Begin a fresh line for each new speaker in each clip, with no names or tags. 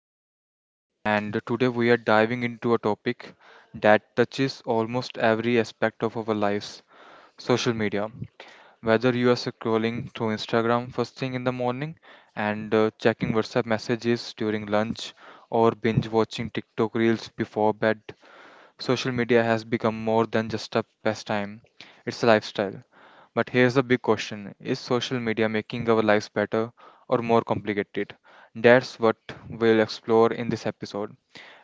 your host, and today we are diving into a topic that touches almost every aspect of our lives: social media. Whether you are scrolling through Instagram first thing in the morning and checking WhatsApp messages during lunch or binge watching TikTok reels before bed, social media has become more than just a pastime, it's a lifestyle. But here's the big question: is social media making our lives better or more complicated? That's what we'll explore in this episode.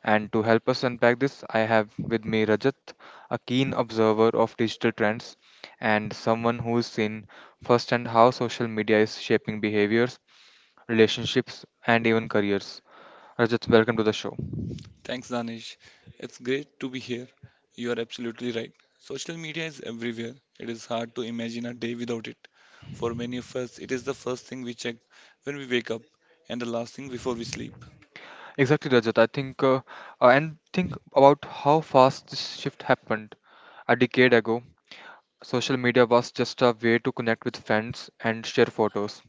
And to help us unpack this, I have with me Rajat, a keen observer of digital trends and someone who's seen firsthand how social media is shaping behaviors, relationships, and even careers. Rajat, welcome to the show.
Thanks, Danish. It's great to be here. You are absolutely right. Social media is everywhere. It is hard to imagine a day without it. For many of us, it is the first thing we check when we wake up and the last thing before we sleep.
Exactly, Rajat. And think about how fast this shift happened. A decade ago, social media was just a way to connect with friends and share photos.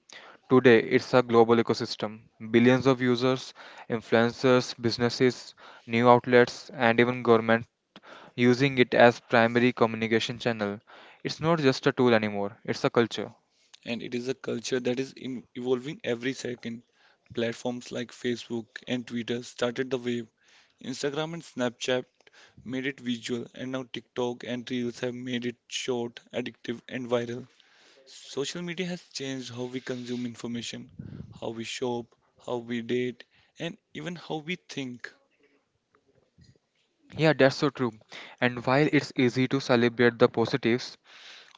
Today, it's a global ecosystem. Billions of users, influencers, businesses, new outlets, and even governments using it as primary communication channel. It's not just a tool anymore, it's a culture.
And it is a culture that is in evolving every second. Platforms like Facebook and Twitter started the wave. Instagram and Snapchat made it visual, and now TikTok and Reels have made it short, addictive, and viral. Social media has changed how we consume information, how we shop, how we date, and even how we think.
Yeah, that's so true. And while it's easy to celebrate the positives,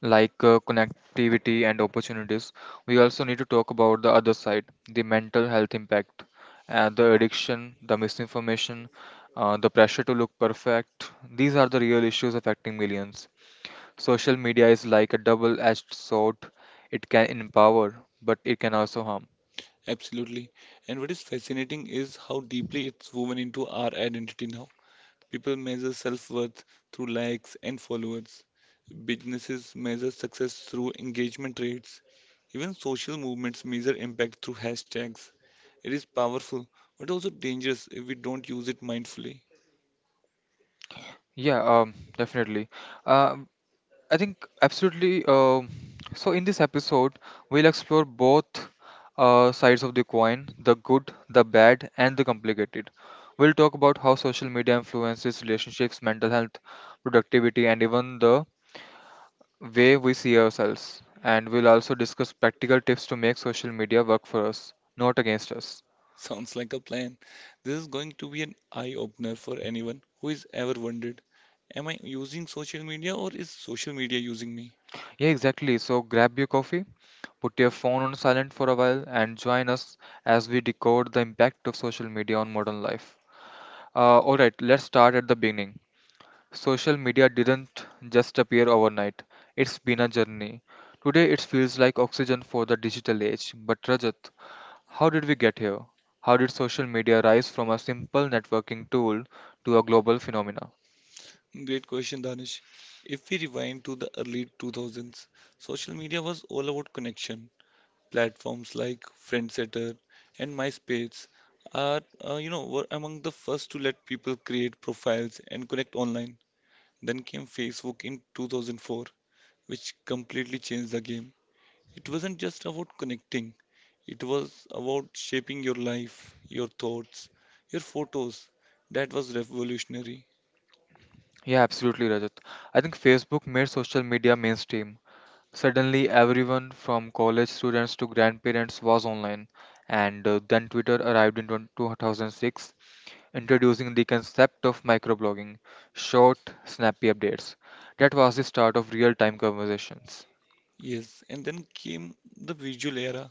like connectivity and opportunities, we also need to talk about the other side, the mental health impact, the addiction, the misinformation, the pressure to look perfect. These are the real issues affecting millions. Social media is like a double-edged sword. It can empower, but it can also harm.
Absolutely. And what is fascinating is how deeply it's woven into our identity now. People measure self-worth through likes and followers. Businesses measure success through engagement rates. Even social movements measure impact through hashtags. It is powerful, but also dangerous if we don't use it mindfully.
Yeah, definitely. uh. I think absolutely. So, in this episode, we'll explore both sides of the coin: the good, the bad, and the complicated. We'll talk about how social media influences relationships, mental health, productivity, and even the way we see ourselves. And we'll also discuss practical tips to make social media work for us, not against us.
Sounds like a plan. This is going to be an eye-opener for anyone who has ever wondered, am I using social media or is social media using me?
Yeah, exactly. So, grab your coffee, put your phone on silent for a while, and join us as we decode the impact of social media on modern life. Alright, let's start at the beginning. Social media didn't just appear overnight, it's been a journey. Today it feels like oxygen for the digital age. But Rajat, how did we get here? How did social media rise from a simple networking tool to a global phenomena?
Great question, Danish. If we rewind to the early 2000s, social media was all about connection. Platforms like Friendsetter and MySpace were among the first to let people create profiles and connect online. Then came Facebook in 2004, which completely changed the game. It wasn't just about connecting, it was about shaping your life, your thoughts, your photos. That was revolutionary.
Yeah, absolutely, Rajat. I think Facebook made social media mainstream. Suddenly, everyone from college students to grandparents was online, and then Twitter arrived in 2006, introducing the concept of microblogging, short, snappy updates. That was the start of real time conversations.
Yes, and then came the visual era.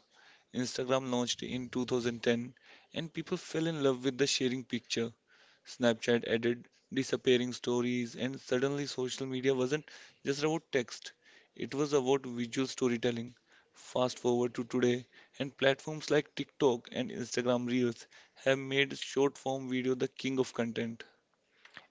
Instagram launched in 2010, and people fell in love with the sharing picture. Snapchat added disappearing stories, and suddenly social media wasn't just about text, it was about visual storytelling. Fast forward to today, and platforms like TikTok and Instagram Reels have made short form video the king of content.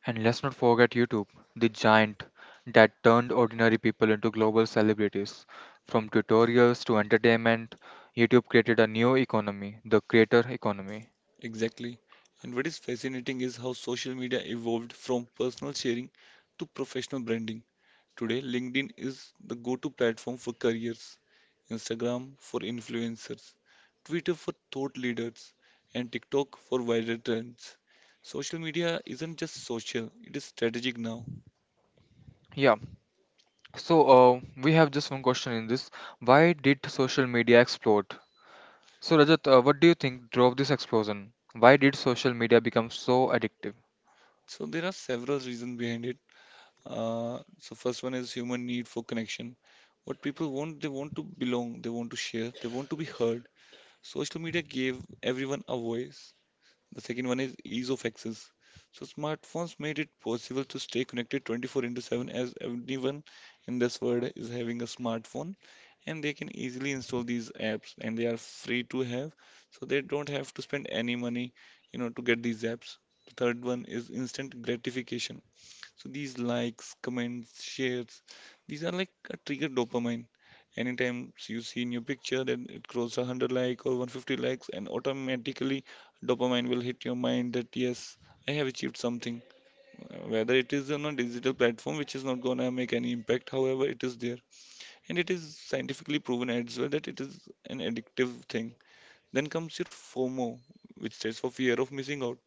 And let's not forget YouTube, the giant that turned ordinary people into global celebrities. From tutorials to entertainment, YouTube created a new economy, the creator economy.
Exactly. And what is fascinating is how social media evolved from personal sharing to professional branding. Today, LinkedIn is the go-to platform for careers, Instagram for influencers, Twitter for thought leaders, and TikTok for viral trends. Social media isn't just social, it is strategic now.
Yeah, so we have just one question in this. Why did social media explode? So, Rajat, what do you think drove this explosion? Why did social media become so addictive?
So there are several reasons behind it. So first one is human need for connection. What people want, they want to belong, they want to share, they want to be heard. Social media gave everyone a voice. The second one is ease of access. So smartphones made it possible to stay connected 24 into 7, as everyone in this world is having a smartphone and they can easily install these apps and they are free to have. So they don't have to spend any money, you know, to get these apps. The third one is instant gratification. So these likes, comments, shares, these are like a trigger dopamine. Anytime you see in your picture that it crosses 100 like or 150 likes, and automatically dopamine will hit your mind that yes, I have achieved something. Whether it is on a digital platform, which is not gonna make any impact, however, it is there, and it is scientifically proven as well that it is an addictive thing. Then comes your FOMO, which stands for fear of missing out.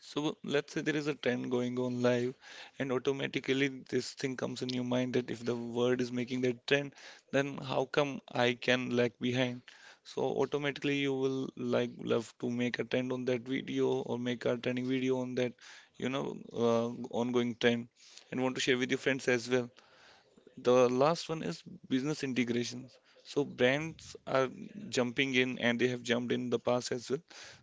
So let's say there is a trend going on live, and automatically this thing comes in your mind that if the word is making that trend, then how come I can lag behind? So automatically you will like love to make a trend on that video or make a trending video on that, you know, uh, ongoing trend, and want to share with your friends as well. The last one is business integrations. So brands are jumping in and they have jumped in the past as well,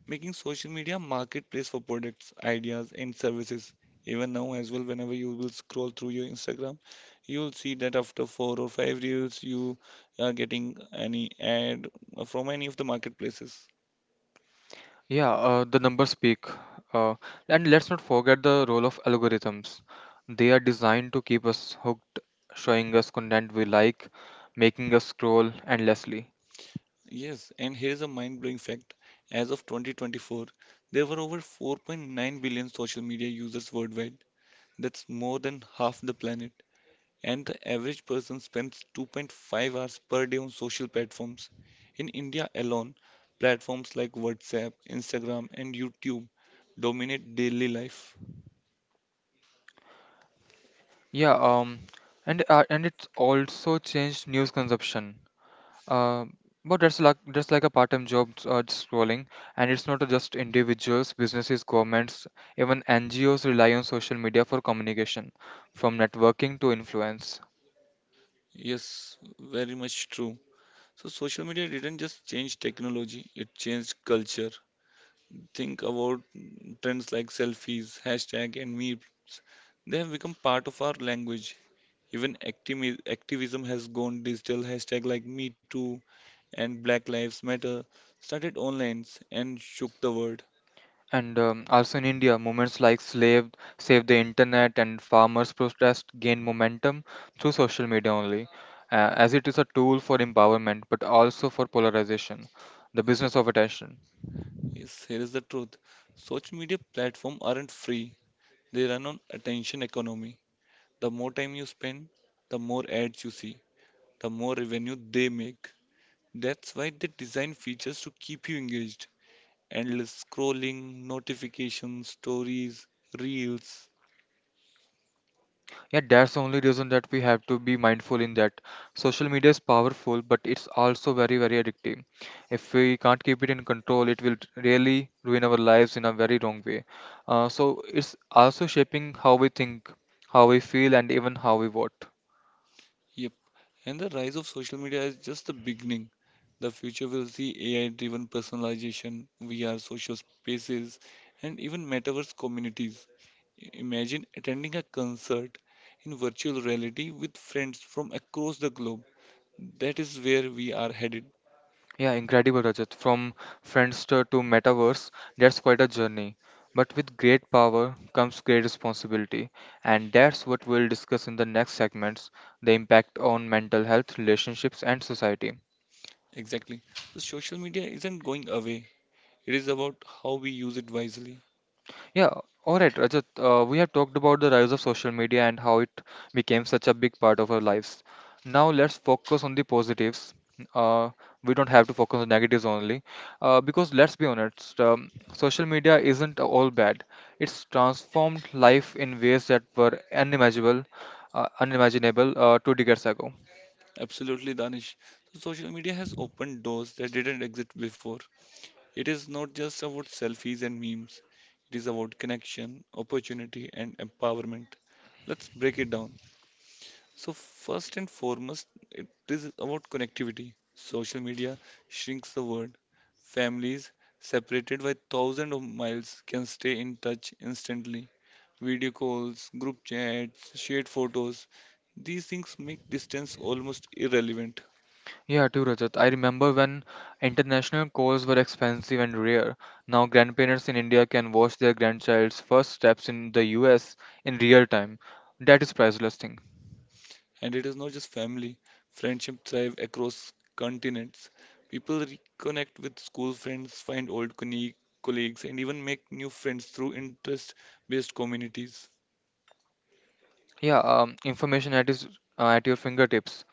making social media marketplace for products, ideas, and services. Even now as well, whenever you will scroll through your Instagram, you'll see that after four or five reels, you are getting any ad from any of the marketplaces.
Yeah, the numbers speak. Uh, and let's not forget the role of algorithms. They are designed to keep us hooked, showing us content we like, making us scroll endlessly.
Yes, and here's a mind-blowing fact. As of 2024, there were over 4.9 billion social media users worldwide. That's more than half the planet. And the average person spends 2.5 hours per day on social platforms. In India alone, platforms like WhatsApp, Instagram, and YouTube dominate daily life.
Yeah, um, and it's also changed news consumption. Uh, but that's like a part-time job, just scrolling, and it's not just individuals, businesses, governments, even NGOs rely on social media for communication, from networking to influence.
Yes, very much true. So, social media didn't just change technology, it changed culture. Think about trends like selfies, hashtag, and memes. They have become part of our language. Even activism has gone digital. Hashtag like Me Too and Black Lives Matter started online and shook the world.
And also in India, movements like Save the Internet, and Farmers Protest gained momentum through social media only, as it is a tool for empowerment but also for polarization, the business of attention.
Yes, here is the truth. Social media platforms aren't free. They run on attention economy. The more time you spend, the more ads you see, the more revenue they make. That's why they design features to keep you engaged. Endless scrolling, notifications, stories, reels.
Yeah, that's the only reason that we have to be mindful in that. Social media is powerful, but it's also very, very addictive. If we can't keep it in control, it will really ruin our lives in a very wrong way. So it's also shaping how we think, how we feel, and even how we vote.
And the rise of social media is just the beginning. The future will see AI driven personalization, VR social spaces, and even metaverse communities. Imagine attending a concert in virtual reality with friends from across the globe. That is where we are headed.
Yeah, incredible, Rajat. From Friendster to Metaverse, that's quite a journey. But with great power comes great responsibility, and that's what we'll discuss in the next segments: the impact on mental health, relationships, and society.
Exactly. So social media isn't going away. It is about how we use it wisely.
Yeah, all right, Rajat. We have talked about the rise of social media and how it became such a big part of our lives. Now let's focus on the positives. Uh, we don't have to focus on negatives only, because let's be honest, social media isn't all bad. It's transformed life in ways that were unimaginable, two decades ago.
Absolutely, Danish. So social media has opened doors that didn't exist before. It is not just about selfies and memes, it is about connection, opportunity, and empowerment. Let's break it down. So, first and foremost, it is about connectivity. Social media shrinks the world. Families separated by thousands of miles can stay in touch instantly. Video calls, group chats, shared photos, these things make distance almost irrelevant.
Yeah, too, Rajat. I remember when international calls were expensive and rare. Now, grandparents in India can watch their grandchild's first steps in the US in real time. That is priceless thing.
And it is not just family, friendship thrive across continents. People reconnect with school friends, find old colleagues, and even make new friends through interest-based communities.
Yeah, information at is at your fingertips.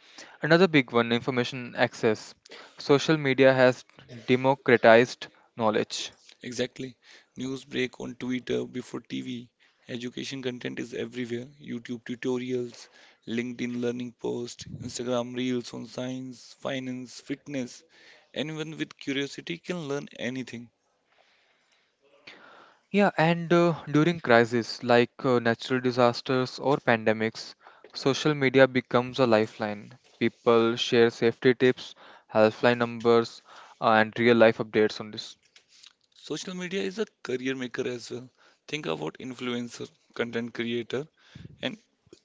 Another big one, information access. Social media has democratized knowledge.
Exactly. News break on Twitter before TV. Education content is everywhere. YouTube tutorials, LinkedIn learning posts, Instagram reels on science, finance, fitness. Anyone with curiosity can learn anything.
Yeah, and during crises like natural disasters or pandemics, social media becomes a lifeline. People share safety tips, helpline numbers, and real life updates on this.
Social media is a career maker as well. Think about influencer, content creator, and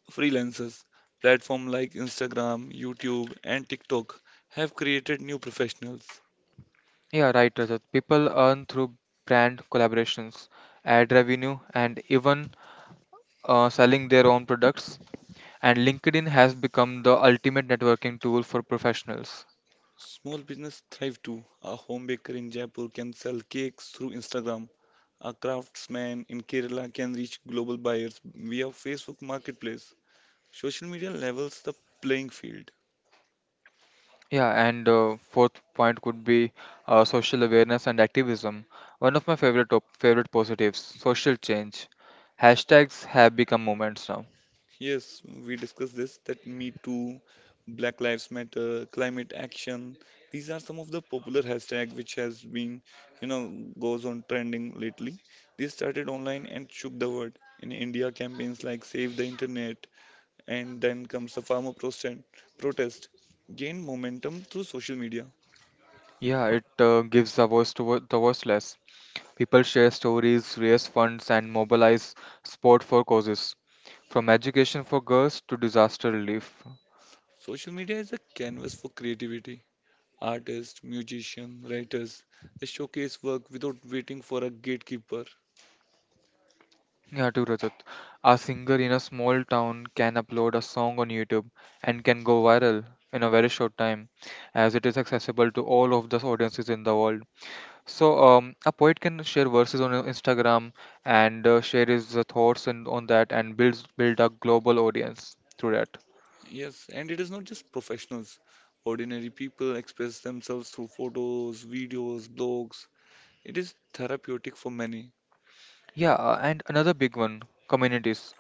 freelancers. Platforms like Instagram, YouTube, and TikTok have created new professionals.
Yeah, right, Rajat. People earn through brand collaborations, ad revenue, and even selling their own products. And LinkedIn has become the ultimate networking tool for professionals.
Small business thrive too. A home baker in Jaipur can sell cakes through Instagram. A craftsman in Kerala can reach global buyers via Facebook Marketplace. Social media levels the playing field.
Yeah, and fourth point could be social awareness and activism. One of my favorite positives, social change. Hashtags have become movements now.
Yes, we discussed this that Me Too, Black Lives Matter, climate action. These are some of the popular hashtag which has been, you know, goes on trending lately. They started online and shook the world. In India, campaigns like Save the Internet and then comes the farmer protest gained momentum through social media.
Yeah, it gives a voice to the voiceless. People share stories, raise funds, and mobilize support for causes, from education for girls to disaster relief.
Social media is a canvas for creativity. Artists, musicians, writers, they showcase work without waiting for a gatekeeper.
Yeah, true, Rajat. A singer in a small town can upload a song on YouTube and can go viral in a very short time, as it is accessible to all of the audiences in the world. So, a poet can share verses on Instagram and share his thoughts and on that and build a global audience through that.
Yes, and it is not just professionals. Ordinary people express themselves through photos, videos, blogs. It is therapeutic for many.
Yeah, and another big one, communities.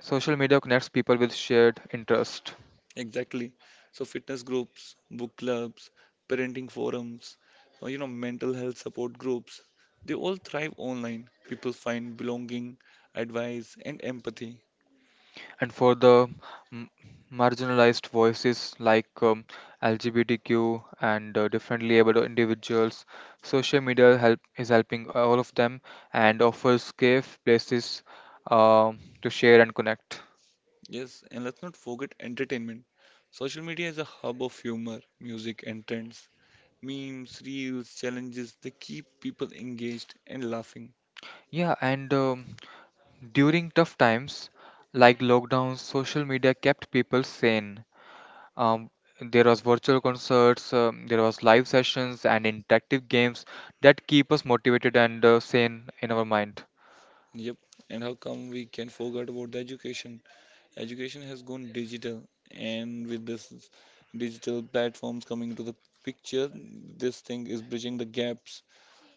Social media connects people with shared interest.
Exactly. So fitness groups, book clubs, parenting forums, or, you know, mental health support groups, they all thrive online. People find belonging, advice, and empathy.
And for the m- marginalized voices like LGBTQ and differently abled individuals, social media helping all of them and offers safe places to share and connect.
Yes, and let's not forget entertainment. Social media is a hub of humor, music, and trends. Memes, reels, challenges, they keep people engaged and laughing.
Yeah, and during tough times like lockdowns, social media kept people sane. Um, there was virtual concerts, there was live sessions and interactive games that keep us motivated and sane in our mind.
Yep. And how come we can forget about the education? Education has gone digital, and with digital platforms coming into the picture, this thing is bridging the gaps.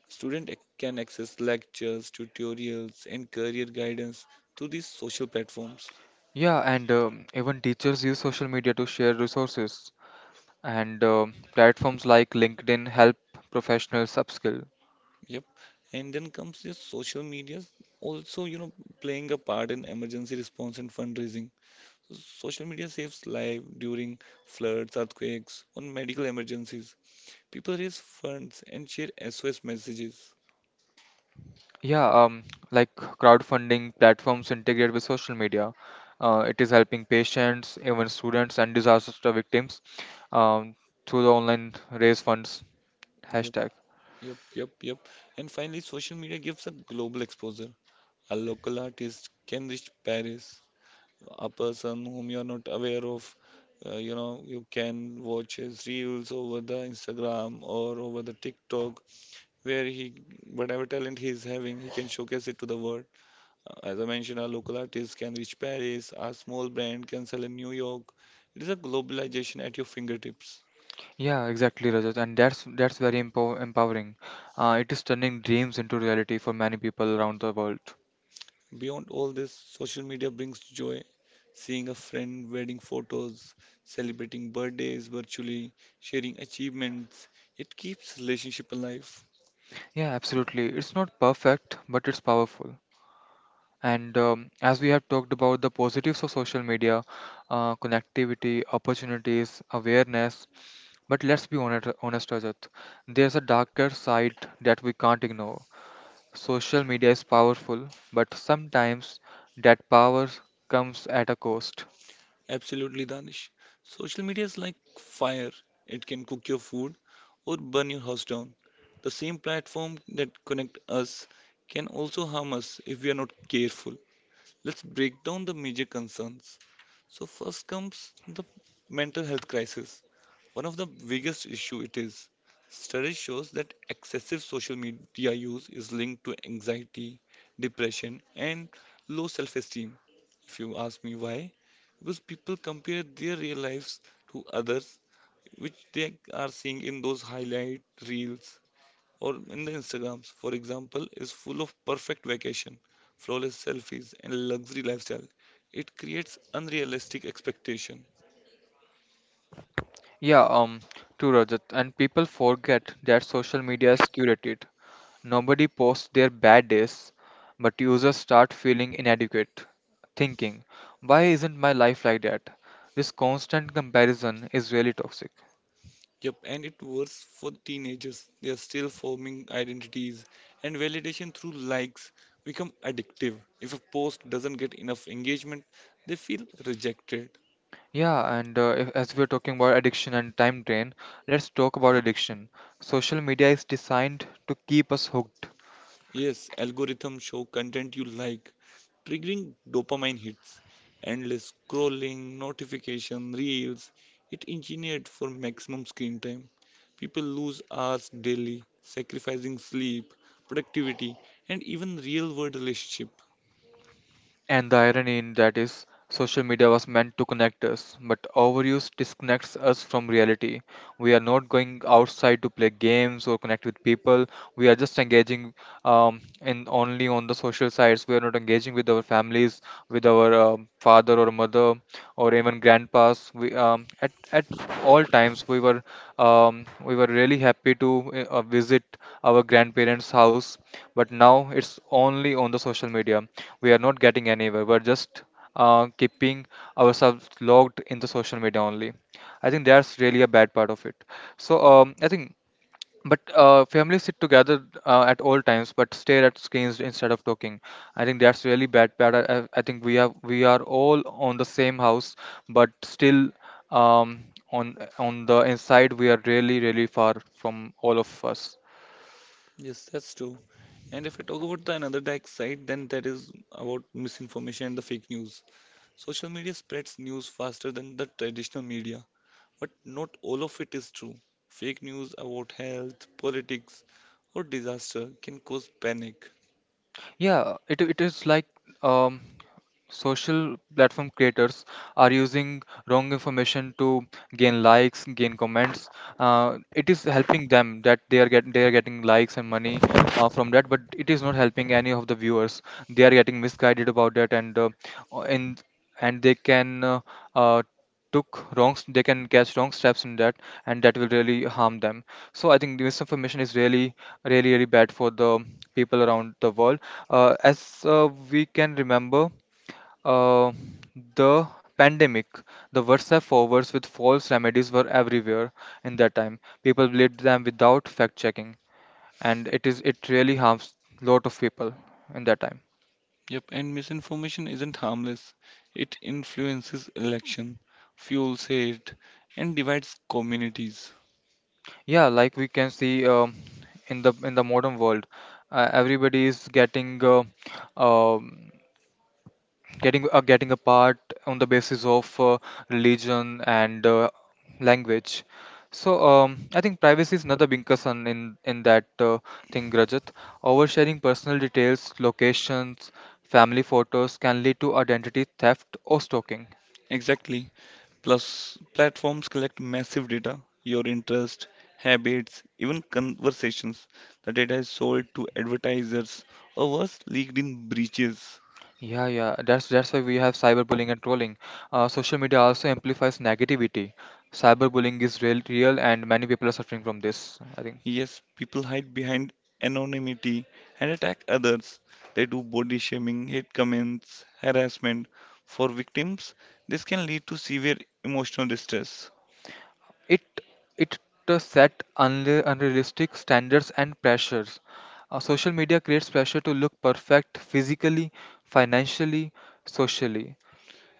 Student ac- can access lectures, tutorials, and career guidance through these social platforms.
Yeah, and even teachers use social media to share resources, and platforms like LinkedIn help professionals upskill.
Yep. And then comes this social media also, you know, playing a part in emergency response and fundraising. Social media saves lives during floods, earthquakes, or medical emergencies. People raise funds and share SOS messages.
Yeah, like crowdfunding platforms integrate with social media. It is helping patients, even students, and disaster victims um, through the online raise funds
Yep,
hashtag.
yep, yep, yep. And finally, social media gives a global exposure. A local artist can reach Paris. A person whom you are not aware of, you know, you can watch his reels over the Instagram or over the TikTok, where he, whatever talent he is having, he can showcase it to the world. As I mentioned, our local artists can reach Paris, our small brand can sell in New York. It is a globalization at your fingertips.
Yeah, exactly, Rajat, and that's very empowering. It is turning dreams into reality for many people around the world.
Beyond all this, social media brings joy. Seeing a friend wedding photos, celebrating birthdays virtually, sharing achievements, it keeps relationship alive.
Yeah, absolutely. It's not perfect, but it's powerful. And as we have talked about the positives of social media, connectivity, opportunities, awareness, but let's be honest, Rajat. There's a darker side that we can't ignore. Social media is powerful, but sometimes that power comes at a cost.
Absolutely, Danish. Social media is like fire. It can cook your food or burn your house down. The same platform that connect us can also harm us if we are not careful. Let's break down the major concerns. So first comes the mental health crisis. One of the biggest issue it is. Study shows that excessive social media use is linked to anxiety, depression, and low self-esteem. If you ask me why, because people compare their real lives to others, which they are seeing in those highlight reels or in the Instagrams, for example, is full of perfect vacation, flawless selfies, and luxury lifestyle. It creates unrealistic expectation.
Yeah, true, Rajat. And people forget that social media is curated. Nobody posts their bad days, but users start feeling inadequate, thinking, why isn't my life like that? This constant comparison is really toxic.
Yep, and it works for teenagers. They are still forming identities, and validation through likes become addictive. If a post doesn't get enough engagement, they feel rejected.
Yeah, and if, as we're talking about addiction and time drain, let's talk about addiction. Social media is designed to keep us hooked.
Yes, algorithm show content you like, triggering dopamine hits, endless scrolling, notification, reels. It engineered for maximum screen time. People lose hours daily, sacrificing sleep, productivity, and even real-world relationship.
And the irony in that is, social media was meant to connect us, but overuse disconnects us from reality. We are not going outside to play games or connect with people. We are just engaging in only on the social sites. We are not engaging with our families, with our father or mother or even grandpas. We at all times we were really happy to visit our grandparents' house, but now it's only on the social media. We are not getting anywhere. We're just keeping ourselves logged in the social media only. I think that's really a bad part of it. So I think but Families sit together at all times, but stare at screens instead of talking. I think that's really bad. Bad. I think we are all on the same house, but still, um, on the inside we are really really far from all of us.
Yes, that's true. And if I talk about the another dark side, then that is about misinformation and the fake news. Social media spreads news faster than the traditional media. But not all of it is true. Fake news about health, politics, or disaster can cause panic.
Yeah, it is like um, social platform creators are using wrong information to gain likes, gain comments. It is helping them that they are getting likes and money from that, but it is not helping any of the viewers. They are getting misguided about that, and uh, and and they can uh, they can catch wrong steps in that, and that will really harm them. So I think the misinformation is really really really bad for the people around the world as we can remember, uh, the pandemic, the WhatsApp forwards with false remedies were everywhere in that time. People believed them without fact checking, and it really harms lot of people in that time.
Yep, and misinformation isn't harmless. It influences election, fuels hate, and divides communities.
Yeah, like we can see in the modern world, everybody is um getting apart on the basis of religion and language. So I think privacy is another big concern in that thing, Rajat. Oversharing personal details, locations, family photos can lead to identity theft or stalking.
Exactly. Plus, platforms collect massive data, your interest, habits, even conversations. The data is sold to advertisers or worse, leaked in breaches.
Yeah, yeah, that's why we have cyberbullying and trolling. Social media also amplifies negativity. Cyberbullying is real, real, and many people are suffering from this. I think.
Yes, people hide behind anonymity and attack others. They do body shaming, hate comments, harassment. For victims, this can lead to severe emotional distress.
It it to set unrealistic standards and pressures. Social media creates pressure to look perfect physically, financially, socially.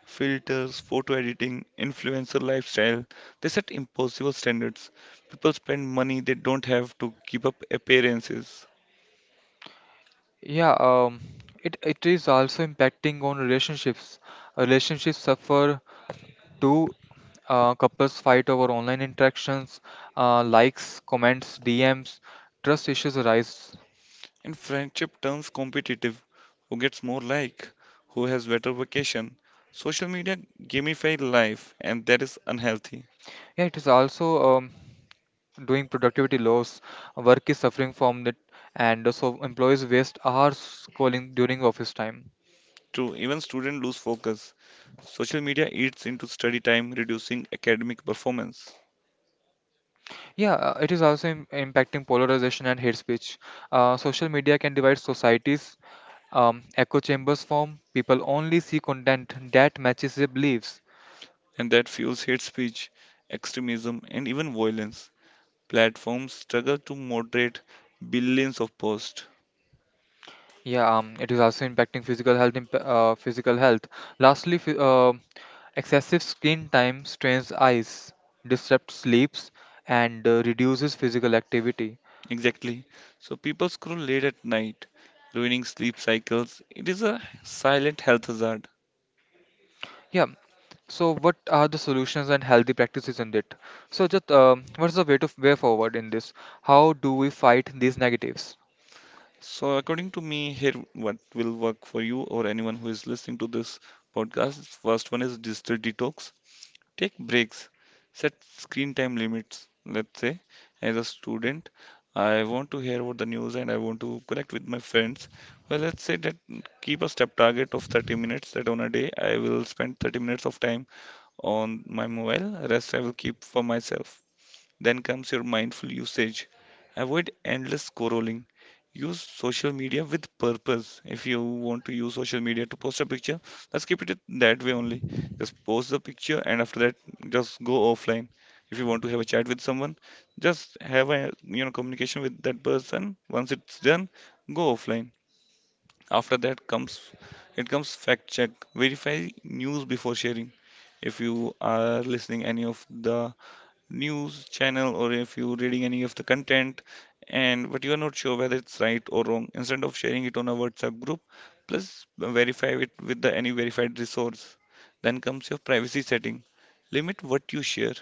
Filters, photo editing, influencer lifestyle, they set impossible standards. People spend money they don't have to keep up appearances.
Yeah, it is also impacting on relationships. Relationships suffer too. Couples fight over online interactions, likes, comments, DMs. Trust issues arise.
And friendship turns competitive. Who gets more like? Who has better vacation? Social media gamify life, and that is unhealthy.
Yeah, it is also doing productivity loss. Work is suffering from it, and so employees waste hours calling during office time.
True, even students lose focus. Social media eats into study time, reducing academic performance.
Yeah, it is also impacting polarization and hate speech. Social media can divide societies. Echo chambers form. People only see content that matches their beliefs.
And that fuels hate speech, extremism, and even violence. Platforms struggle to moderate billions of posts.
Yeah, it is also impacting physical health. Lastly, excessive screen time strains eyes, disrupts sleeps, and reduces physical activity.
Exactly. So people scroll late at night, ruining sleep cycles. It is a silent health hazard.
Yeah. So, what are the solutions and healthy practices in it? So, just what's the way forward in this? How do we fight these negatives?
So, according to me, here what will work for you or anyone who is listening to this podcast. First one is digital detox. Take breaks, set screen time limits. Let's say, as a student, I want to hear about the news and I want to connect with my friends. Well, let's say that keep a step target of 30 minutes that on a day I will spend 30 minutes of time on my mobile, rest I will keep for myself. Then comes your mindful usage. Avoid endless scrolling. Use social media with purpose. If you want to use social media to post a picture, let's keep it that way only. Just post the picture and after that, just go offline. If you want to have a chat with someone, just have a communication with that person. Once it's done, go offline. After that comes fact check. Verify news before sharing if you are listening any of the news channel or if you're reading any of the content and but you are not sure whether it's right or wrong, instead of sharing it on a WhatsApp group, plus verify it with the any verified resource. Then comes your privacy setting. Limit what you share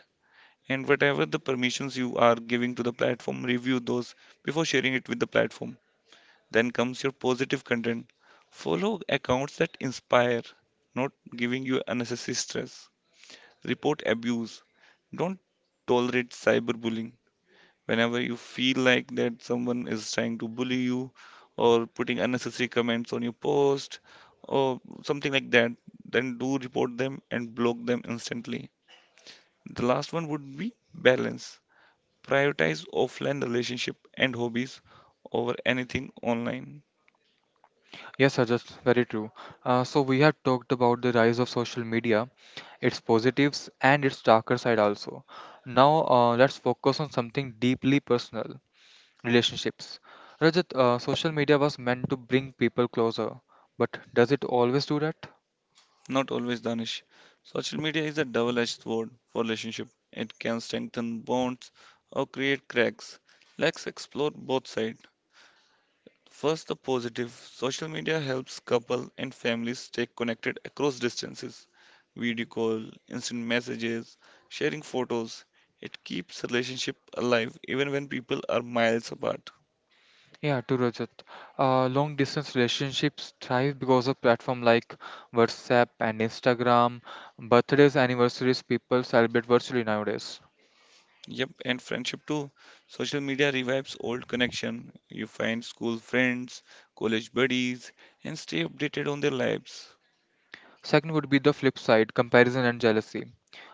and whatever the permissions you are giving to the platform, review those before sharing it with the platform. Then comes your positive content. Follow accounts that inspire, not giving you unnecessary stress. Report abuse. Don't tolerate cyberbullying. Whenever you feel like that someone is trying to bully you or putting unnecessary comments on your post or something like that, then do report them and block them instantly. The last one would be balance. Prioritize offline relationship and hobbies over anything online.
Yes, sir, that's very true. So we have talked about the rise of social media, its positives and its darker side also. Now let's focus on something deeply personal, relationships. Rajat, social media was meant to bring people closer, but does it always do that?
Not always, Danish. Social media is a double-edged sword for relationship. It can strengthen bonds or create cracks. Let's explore both sides. First, the positive. Social media helps couples and families stay connected across distances. Video call, instant messages, sharing photos. It keeps relationship alive even when people are miles apart.
Yeah, true, Rajat. Long distance relationships thrive because of platform like WhatsApp and Instagram. Birthdays, anniversaries, people celebrate virtually nowadays.
Yep, and friendship too. Social media revives old connection. You find school friends, college buddies, and stay updated on their lives.
Second would be the flip side, comparison and jealousy.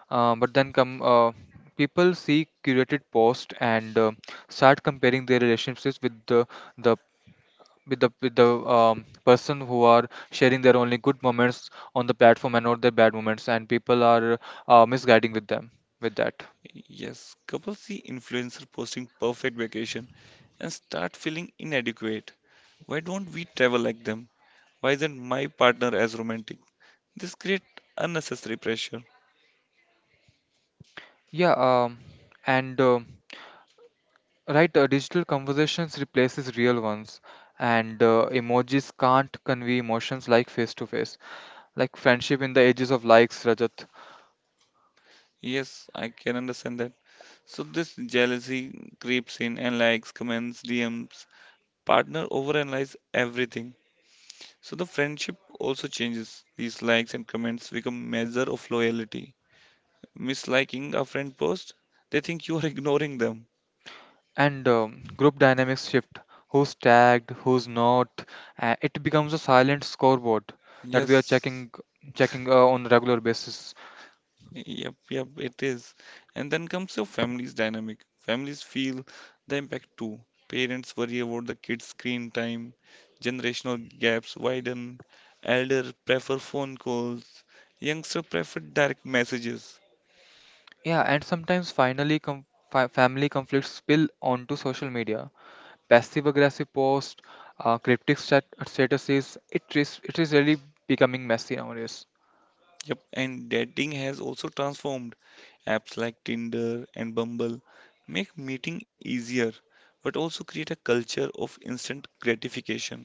But then come people see curated posts and start comparing their relationships with the the person who are sharing their only good moments on the platform and not their bad moments, and people are misguiding with that.
Yes, couples see influencer posting perfect vacation and start feeling inadequate. Why don't we travel like them? Why isn't my partner as romantic? This creates unnecessary pressure.
Yeah, and right, digital conversations replaces real ones, and emojis can't convey emotions like face to face. Like friendship in the ages of likes, Rajat,
Yes, I can understand that. So this jealousy creeps in and likes, comments, DMs. Partner overanalyze everything. So the friendship also changes. These likes and comments become measure of loyalty. Misliking a friend post, they think you are ignoring them.
and group dynamics shift. Who's tagged, who's not? It becomes a silent scoreboard that we are
Yes.
checking, checking on a regular basis.
Yep, yep, it is. And then comes your family's dynamic. Families feel the impact too. Parents worry about the kids' screen time, generational gaps widen, elder prefer phone calls, youngster prefer direct messages.
Yeah, and sometimes finally, family conflicts spill onto social media. Passive aggressive posts, cryptic statuses. It is really becoming messy nowadays,
Yep, and dating has also transformed. Apps like Tinder and Bumble make meeting easier, but also create a culture of instant gratification.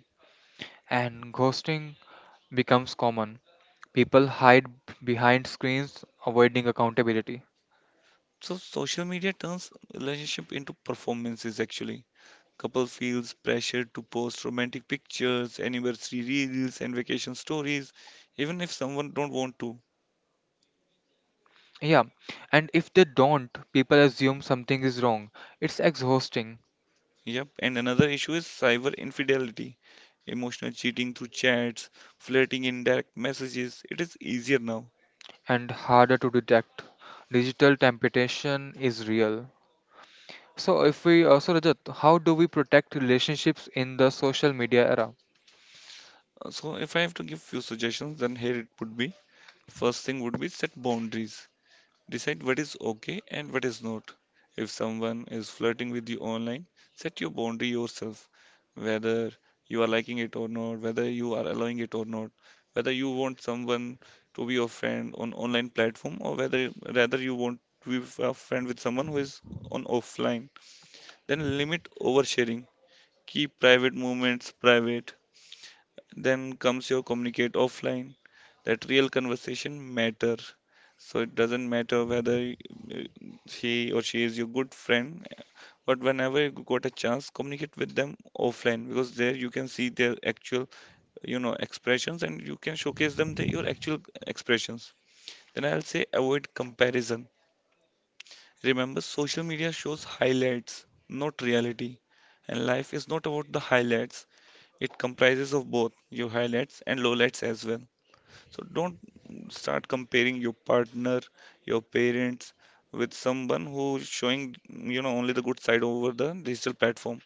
and ghosting becomes common. People hide behind screens, avoiding accountability.
So social media turns relationship into performances actually. Couple feels pressure to post romantic pictures, anniversary reels, and vacation stories, even if someone don't want to.
Yeah, and if they don't, people assume something is wrong. It's exhausting
Yep, and another issue is cyber infidelity, emotional cheating through chats, flirting in direct messages. It is easier now.
and harder to detect. Digital temptation is real. So, if we so Rajat, how do we protect relationships in the social media era?
So if I have to give few suggestions, then here it would be first thing would be set boundaries. Decide what is okay and what is not. If someone is flirting with you online, set your boundary yourself, whether you are liking it or not, whether you are allowing it or not, whether you want someone to be your friend on online platform or whether rather you want to be a friend with someone who is on offline. Then limit oversharing. Keep private moments private then comes your communicate offline. That real conversation matter. So it doesn't matter whether he or she is your good friend, but whenever you got a chance, communicate with them offline because there you can see their actual, expressions and you can showcase them the, your actual expressions. Then I'll say avoid comparison. Remember, social media shows highlights, not reality. And life is not about the highlights. It comprises of both your highlights and lowlights as well. So don't start comparing your partner, your parents with someone who's showing, only the good side over the digital platform.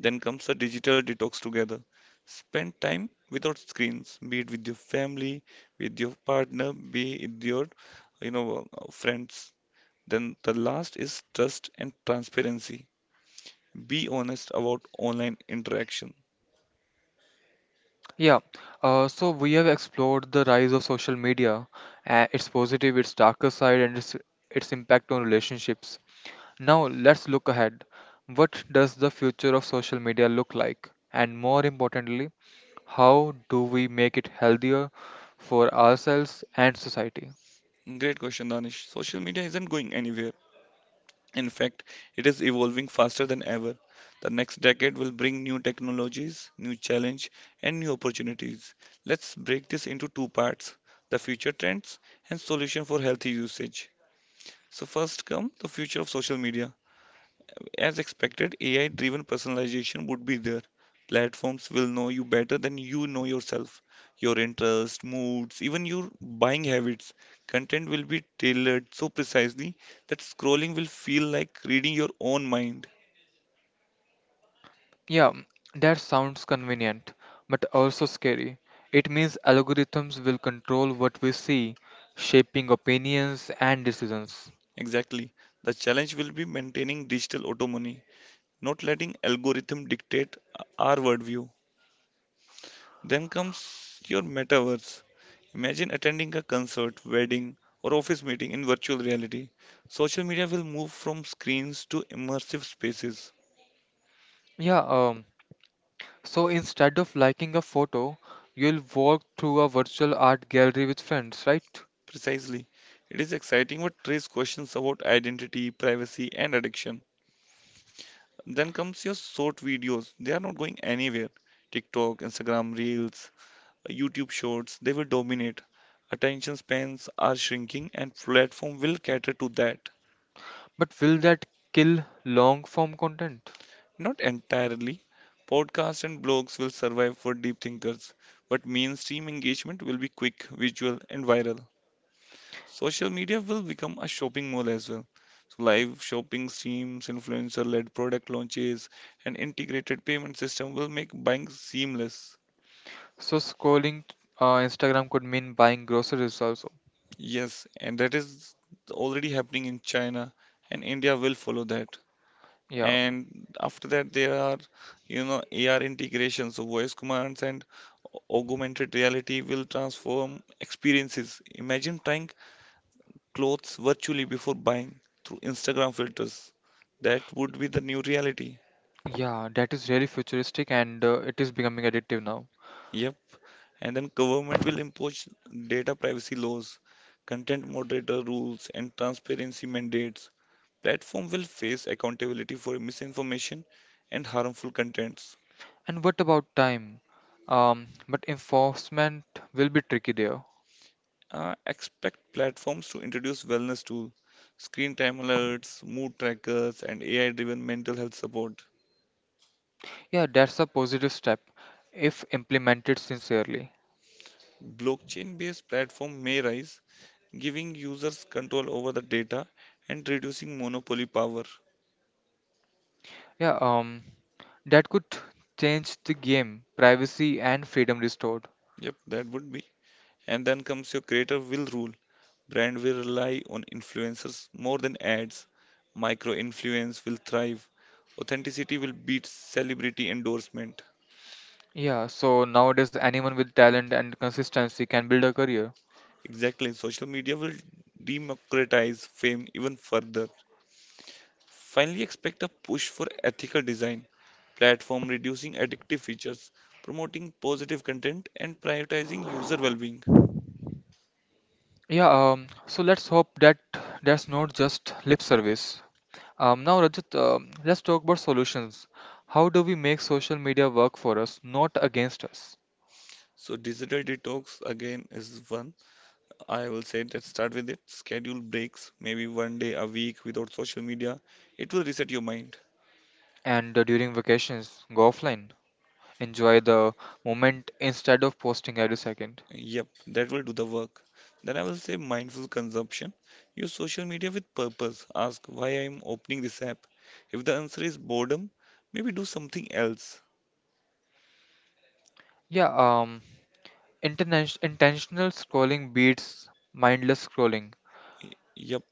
Then comes a digital detox together. Spend time without screens, be it with your family, with your partner, be it with your friends. Then the last is trust and transparency. Be honest about online interaction.
Yeah, so we have explored the rise of social media, its positive, its darker side, and its impact on relationships. Now let's look ahead. What does the future of social media look like? And more importantly, how do we make it healthier for ourselves and society?
Great question, Danish. Social media isn't going anywhere. In fact, it is evolving faster than ever. The next decade will bring new technologies, new challenge, and new opportunities. Let's break this into two parts: the future trends and solution for healthy usage. So first come the future of social media. As expected, AI-driven personalization would be there. Platforms will know you better than you know yourself, your interests, moods, even your buying habits. Content will be tailored so precisely that scrolling will feel like reading your own mind.
Yeah, that sounds convenient, but also scary. It means algorithms will control what we see, shaping opinions and decisions.
Exactly. The challenge will be maintaining digital autonomy, not letting algorithm dictate our worldview. Then comes your metaverse. Imagine attending a concert, wedding, or office meeting in virtual reality. Social media will move from screens to immersive spaces.
Yeah, so instead of liking a photo, you'll walk through a virtual art gallery with friends, right?
Precisely. It is exciting but raises questions about identity, privacy, and addiction. Then comes your short videos. They are not going anywhere. TikTok, Instagram Reels, YouTube Shorts, they will dominate. Attention spans are shrinking and platform will cater to that.
But will that kill long form content?
Not entirely. Podcasts and blogs will survive for deep thinkers, but mainstream engagement will be quick, visual, and viral. Social media will become a shopping mall as well. So live shopping streams, influencer-led product launches, and integrated payment system will make buying seamless.
So scrolling Instagram could mean buying groceries also.
Yes, and that is already happening in China, and India will follow that.
Yeah,
And after that there are AR integrations, so voice commands and augmented reality will transform experiences. Imagine trying clothes virtually before buying through Instagram filters. That would be the new reality.
yeah, that is really futuristic and it is becoming addictive now.
Yep, and then government will impose data privacy laws, content moderator rules, and transparency mandates. Platform will face accountability for misinformation and harmful contents.
And what about time? But enforcement will be tricky there.
Expect platforms to introduce wellness tools, screen time alerts, mood trackers, and AI driven mental health support.
Yeah, that's a positive step if implemented sincerely.
Blockchain based platform may rise, giving users control over the data and reducing monopoly power.
Yeah, that could change the game, privacy and freedom restored.
Yep, that would be. And then comes your creator will rule. Brand will rely on influencers more than ads. Micro influence will thrive. Authenticity will beat celebrity endorsement.
Yeah, so nowadays anyone with talent and consistency can build a career.
Exactly. Social media will democratize fame even further. Finally, expect a push for ethical design, platform reducing addictive features, promoting positive content, and prioritizing user well-being.
Yeah, so let's hope that that's not just lip service. Now, Rajat, let's talk about solutions. How do we make social media work for us, not against us?
So digital detox again is one. I will say that start with it. Schedule breaks, maybe one day a week without social media. It will reset your mind.
And during vacations, go offline. Enjoy the moment instead of posting every second.
Yep, that will do the work. Then I will say mindful consumption. Use social media with purpose. Ask why I am opening this app. If the answer is boredom, maybe do something else.
Yeah, intentional scrolling beats mindless scrolling.
Yep.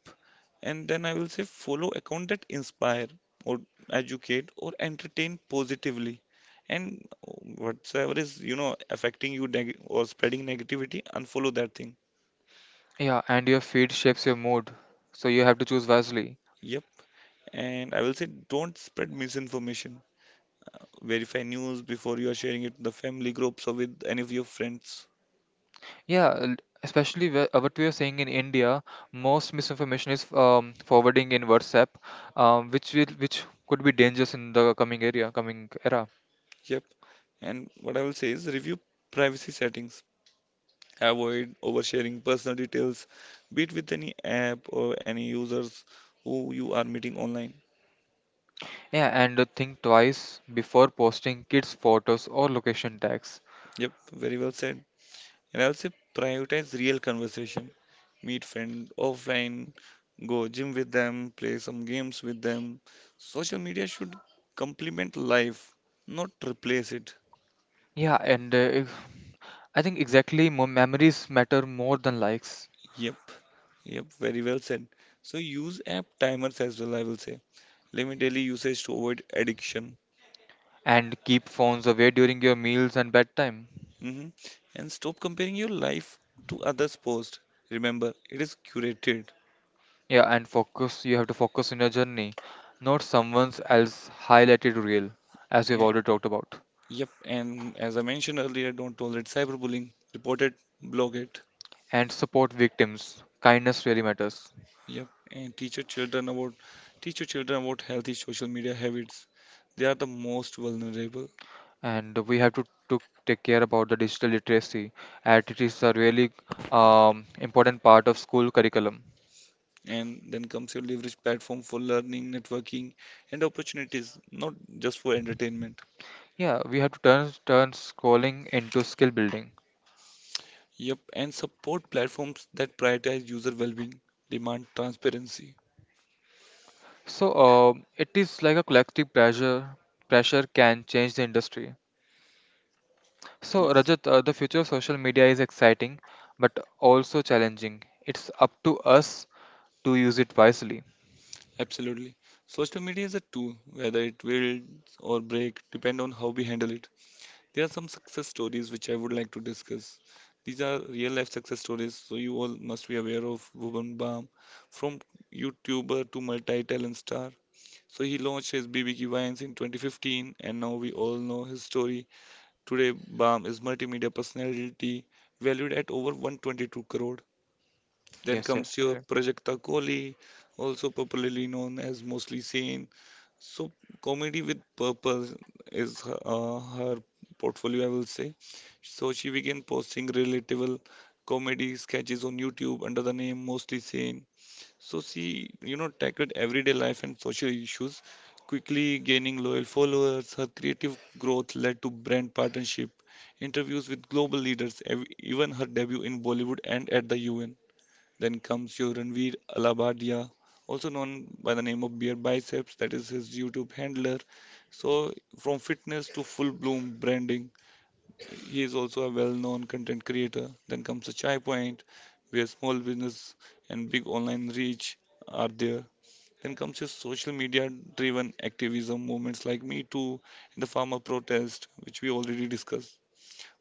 And then I will say follow account that inspire or educate or entertain positively. And whatsoever is, affecting you neg or spreading negativity, unfollow that thing.
Yeah, and your feed shapes your mood, so you have to choose wisely.
Yep. And I will say don't spread misinformation. Verify news before you are sharing it to the family groups or with any of your friends.
Yeah, especially where, what we are saying in India, most misinformation is forwarding in WhatsApp, which could be dangerous in the coming era.
Yep. And what I will say is review privacy settings. Avoid oversharing personal details, be it with any app or any users who you are meeting online.
Yeah, and think twice before posting kids' photos or location tags.
Yep, very well said. And I will say prioritize real conversation. Meet friend offline, go gym with them, play some games with them. Social media should complement life, not replace it.
Yeah, and if- I think exactly more memories matter more than likes.
Yep, yep, very well said. So use app timers as well, I will say. Limit daily usage to avoid addiction.
And keep phones away during your meals and bedtime.
hmm And stop comparing your life to others' posts. Remember, it is curated.
Yeah, and focus. You have to focus on your journey, not someone else highlighted reel, as we've
Yeah.
already talked about.
Yep, and as I mentioned earlier, don't tolerate cyberbullying. Report it, blog it.
And support victims. Kindness really matters.
Yep, and teach your children about healthy social media habits. They are the most vulnerable.
And we have to take care about the digital literacy. And it is a really important part of school curriculum.
And then comes your leverage platform for learning, networking, and opportunities, not just for entertainment.
Yeah, we have to turn scrolling into skill building.
Yep, and support platforms that prioritize user well-being, demand transparency.
So it is like a collective pressure. Pressure can change the industry. So
Yes,
Rajat, the future of social media is exciting, but also challenging. It's up to us to use it wisely.
absolutely. Social media is a tool, whether it will or break, depend on how we handle it. There are some success stories which I would like to discuss. These are real life success stories, so you all must be aware of Bhuvan Bam, from YouTuber to multi-talent star. So he launched his BBQ Wines in 2015, and now we all know his story. Today, Baum is multimedia personality valued at over 122 crore. Then
Yes, yes,
comes your Prajakta Kohli, also popularly known as Mostly Sane. So comedy with purpose is her portfolio, I will say. So she began posting relatable comedy sketches on YouTube under the name Mostly Sane. So she, you know, tackled everyday life and social issues, quickly gaining loyal followers. Her creative growth led to brand partnership, interviews with global leaders, ev even her debut in Bollywood and at the UN. Then comes your Ranveer Alabadia, also known by the name of Beer Biceps, that is his YouTube handler. So from fitness to full bloom branding, he is also a well-known content creator. Then comes the Chai Point, where small business and big online reach are there. Then comes his social media-driven activism movements like Me Too and the farmer protest, which we already discussed.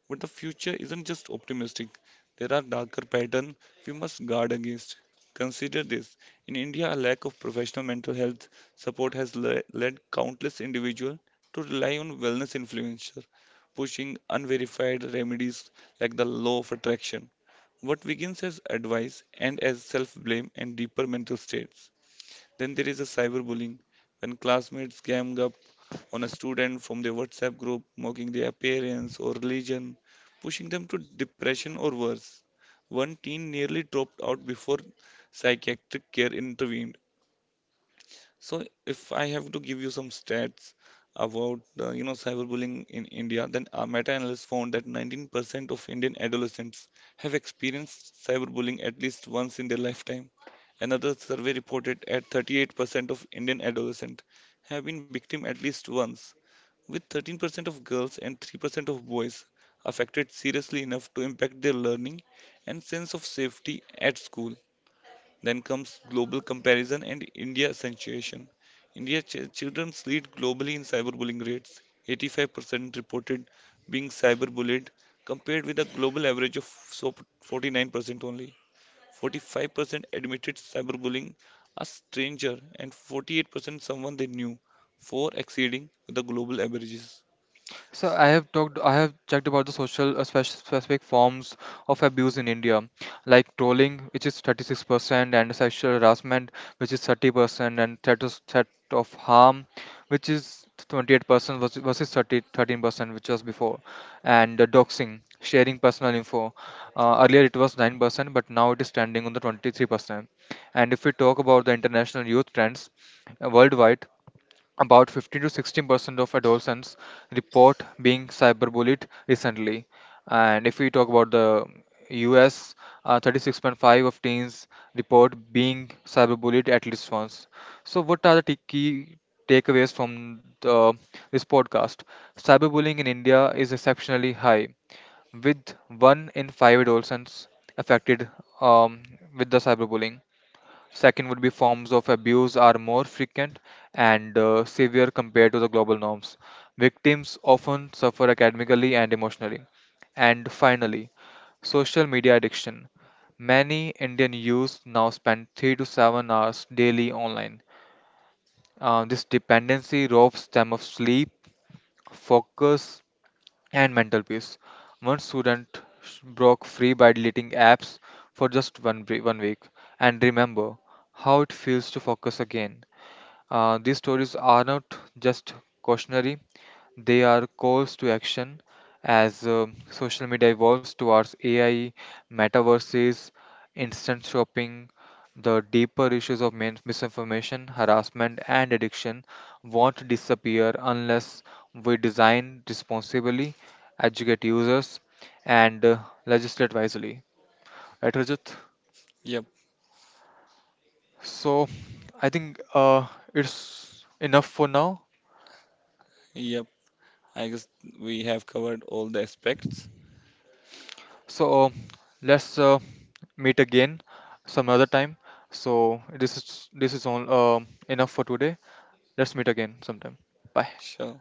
But the future isn't just optimistic, there are darker patterns we must guard against. Consider this in India, a lack of professional mental health support has led countless individuals to rely on wellness influencers, pushing unverified remedies like the law of attraction. What begins as advice and as self blame and deeper mental states. Then there is a cyberbullying when classmates gang up on a student from the WhatsApp group, mocking their appearance or religion, pushing them to depression or worse. One teen nearly dropped out before psychiatric care intervened. So if I have to give you some stats about you know cyberbullying in India, then a meta-analysis found that 19% of Indian adolescents have experienced cyberbullying at least once in their lifetime. Another survey reported at 38% of Indian adolescents have been victim at least once, with 13% of girls and 3% of boys affected seriously enough to impact their learning and sense of safety at school. Then comes global comparison and India accentuation. Children lead globally in cyberbullying rates, 85% reported being cyberbullied, compared with a global average of so 49% only. 45% admitted cyberbullying a stranger, and 48% someone they knew, for exceeding the global averages.
So I have checked about the social specific forms of abuse in India, like trolling, which is 36%, and sexual harassment, which is 30%, and threat of harm, which is 28% versus thirty thirteen percent which was before, and doxing, sharing personal info. Earlier it was 9%, but now it is standing on the 23%. And if we talk about the international youth trends worldwide, about 15 to 16% of adolescents report being cyberbullied recently. And if we talk about the US, 36.5 of teens report being cyberbullied at least once. So, what are the key takeaways from this podcast? Cyberbullying in India is exceptionally high, with one in five adolescents affected um, with the cyberbullying. Second would be forms of abuse are more frequent and severe compared to the global norms. Victims often suffer academically and emotionally. And finally, social media addiction. Many Indian youths now spend 3 to 7 hours daily online. This dependency robs them of sleep, focus, and mental peace. One student broke free by deleting apps for just one week and remember how it feels to focus again. These stories are not just cautionary, they are calls to action as social media evolves towards AI, metaverses, instant shopping. The deeper issues of misinformation, harassment, and addiction won't disappear unless we design responsibly, educate users, and legislate wisely. Right, Rajat?
Yep,
So, I think it's enough for now.
yep. I guess we have covered all the aspects.
So let's meet again some other time. So this is all enough for today. Let's meet again sometime. Bye.
Sure.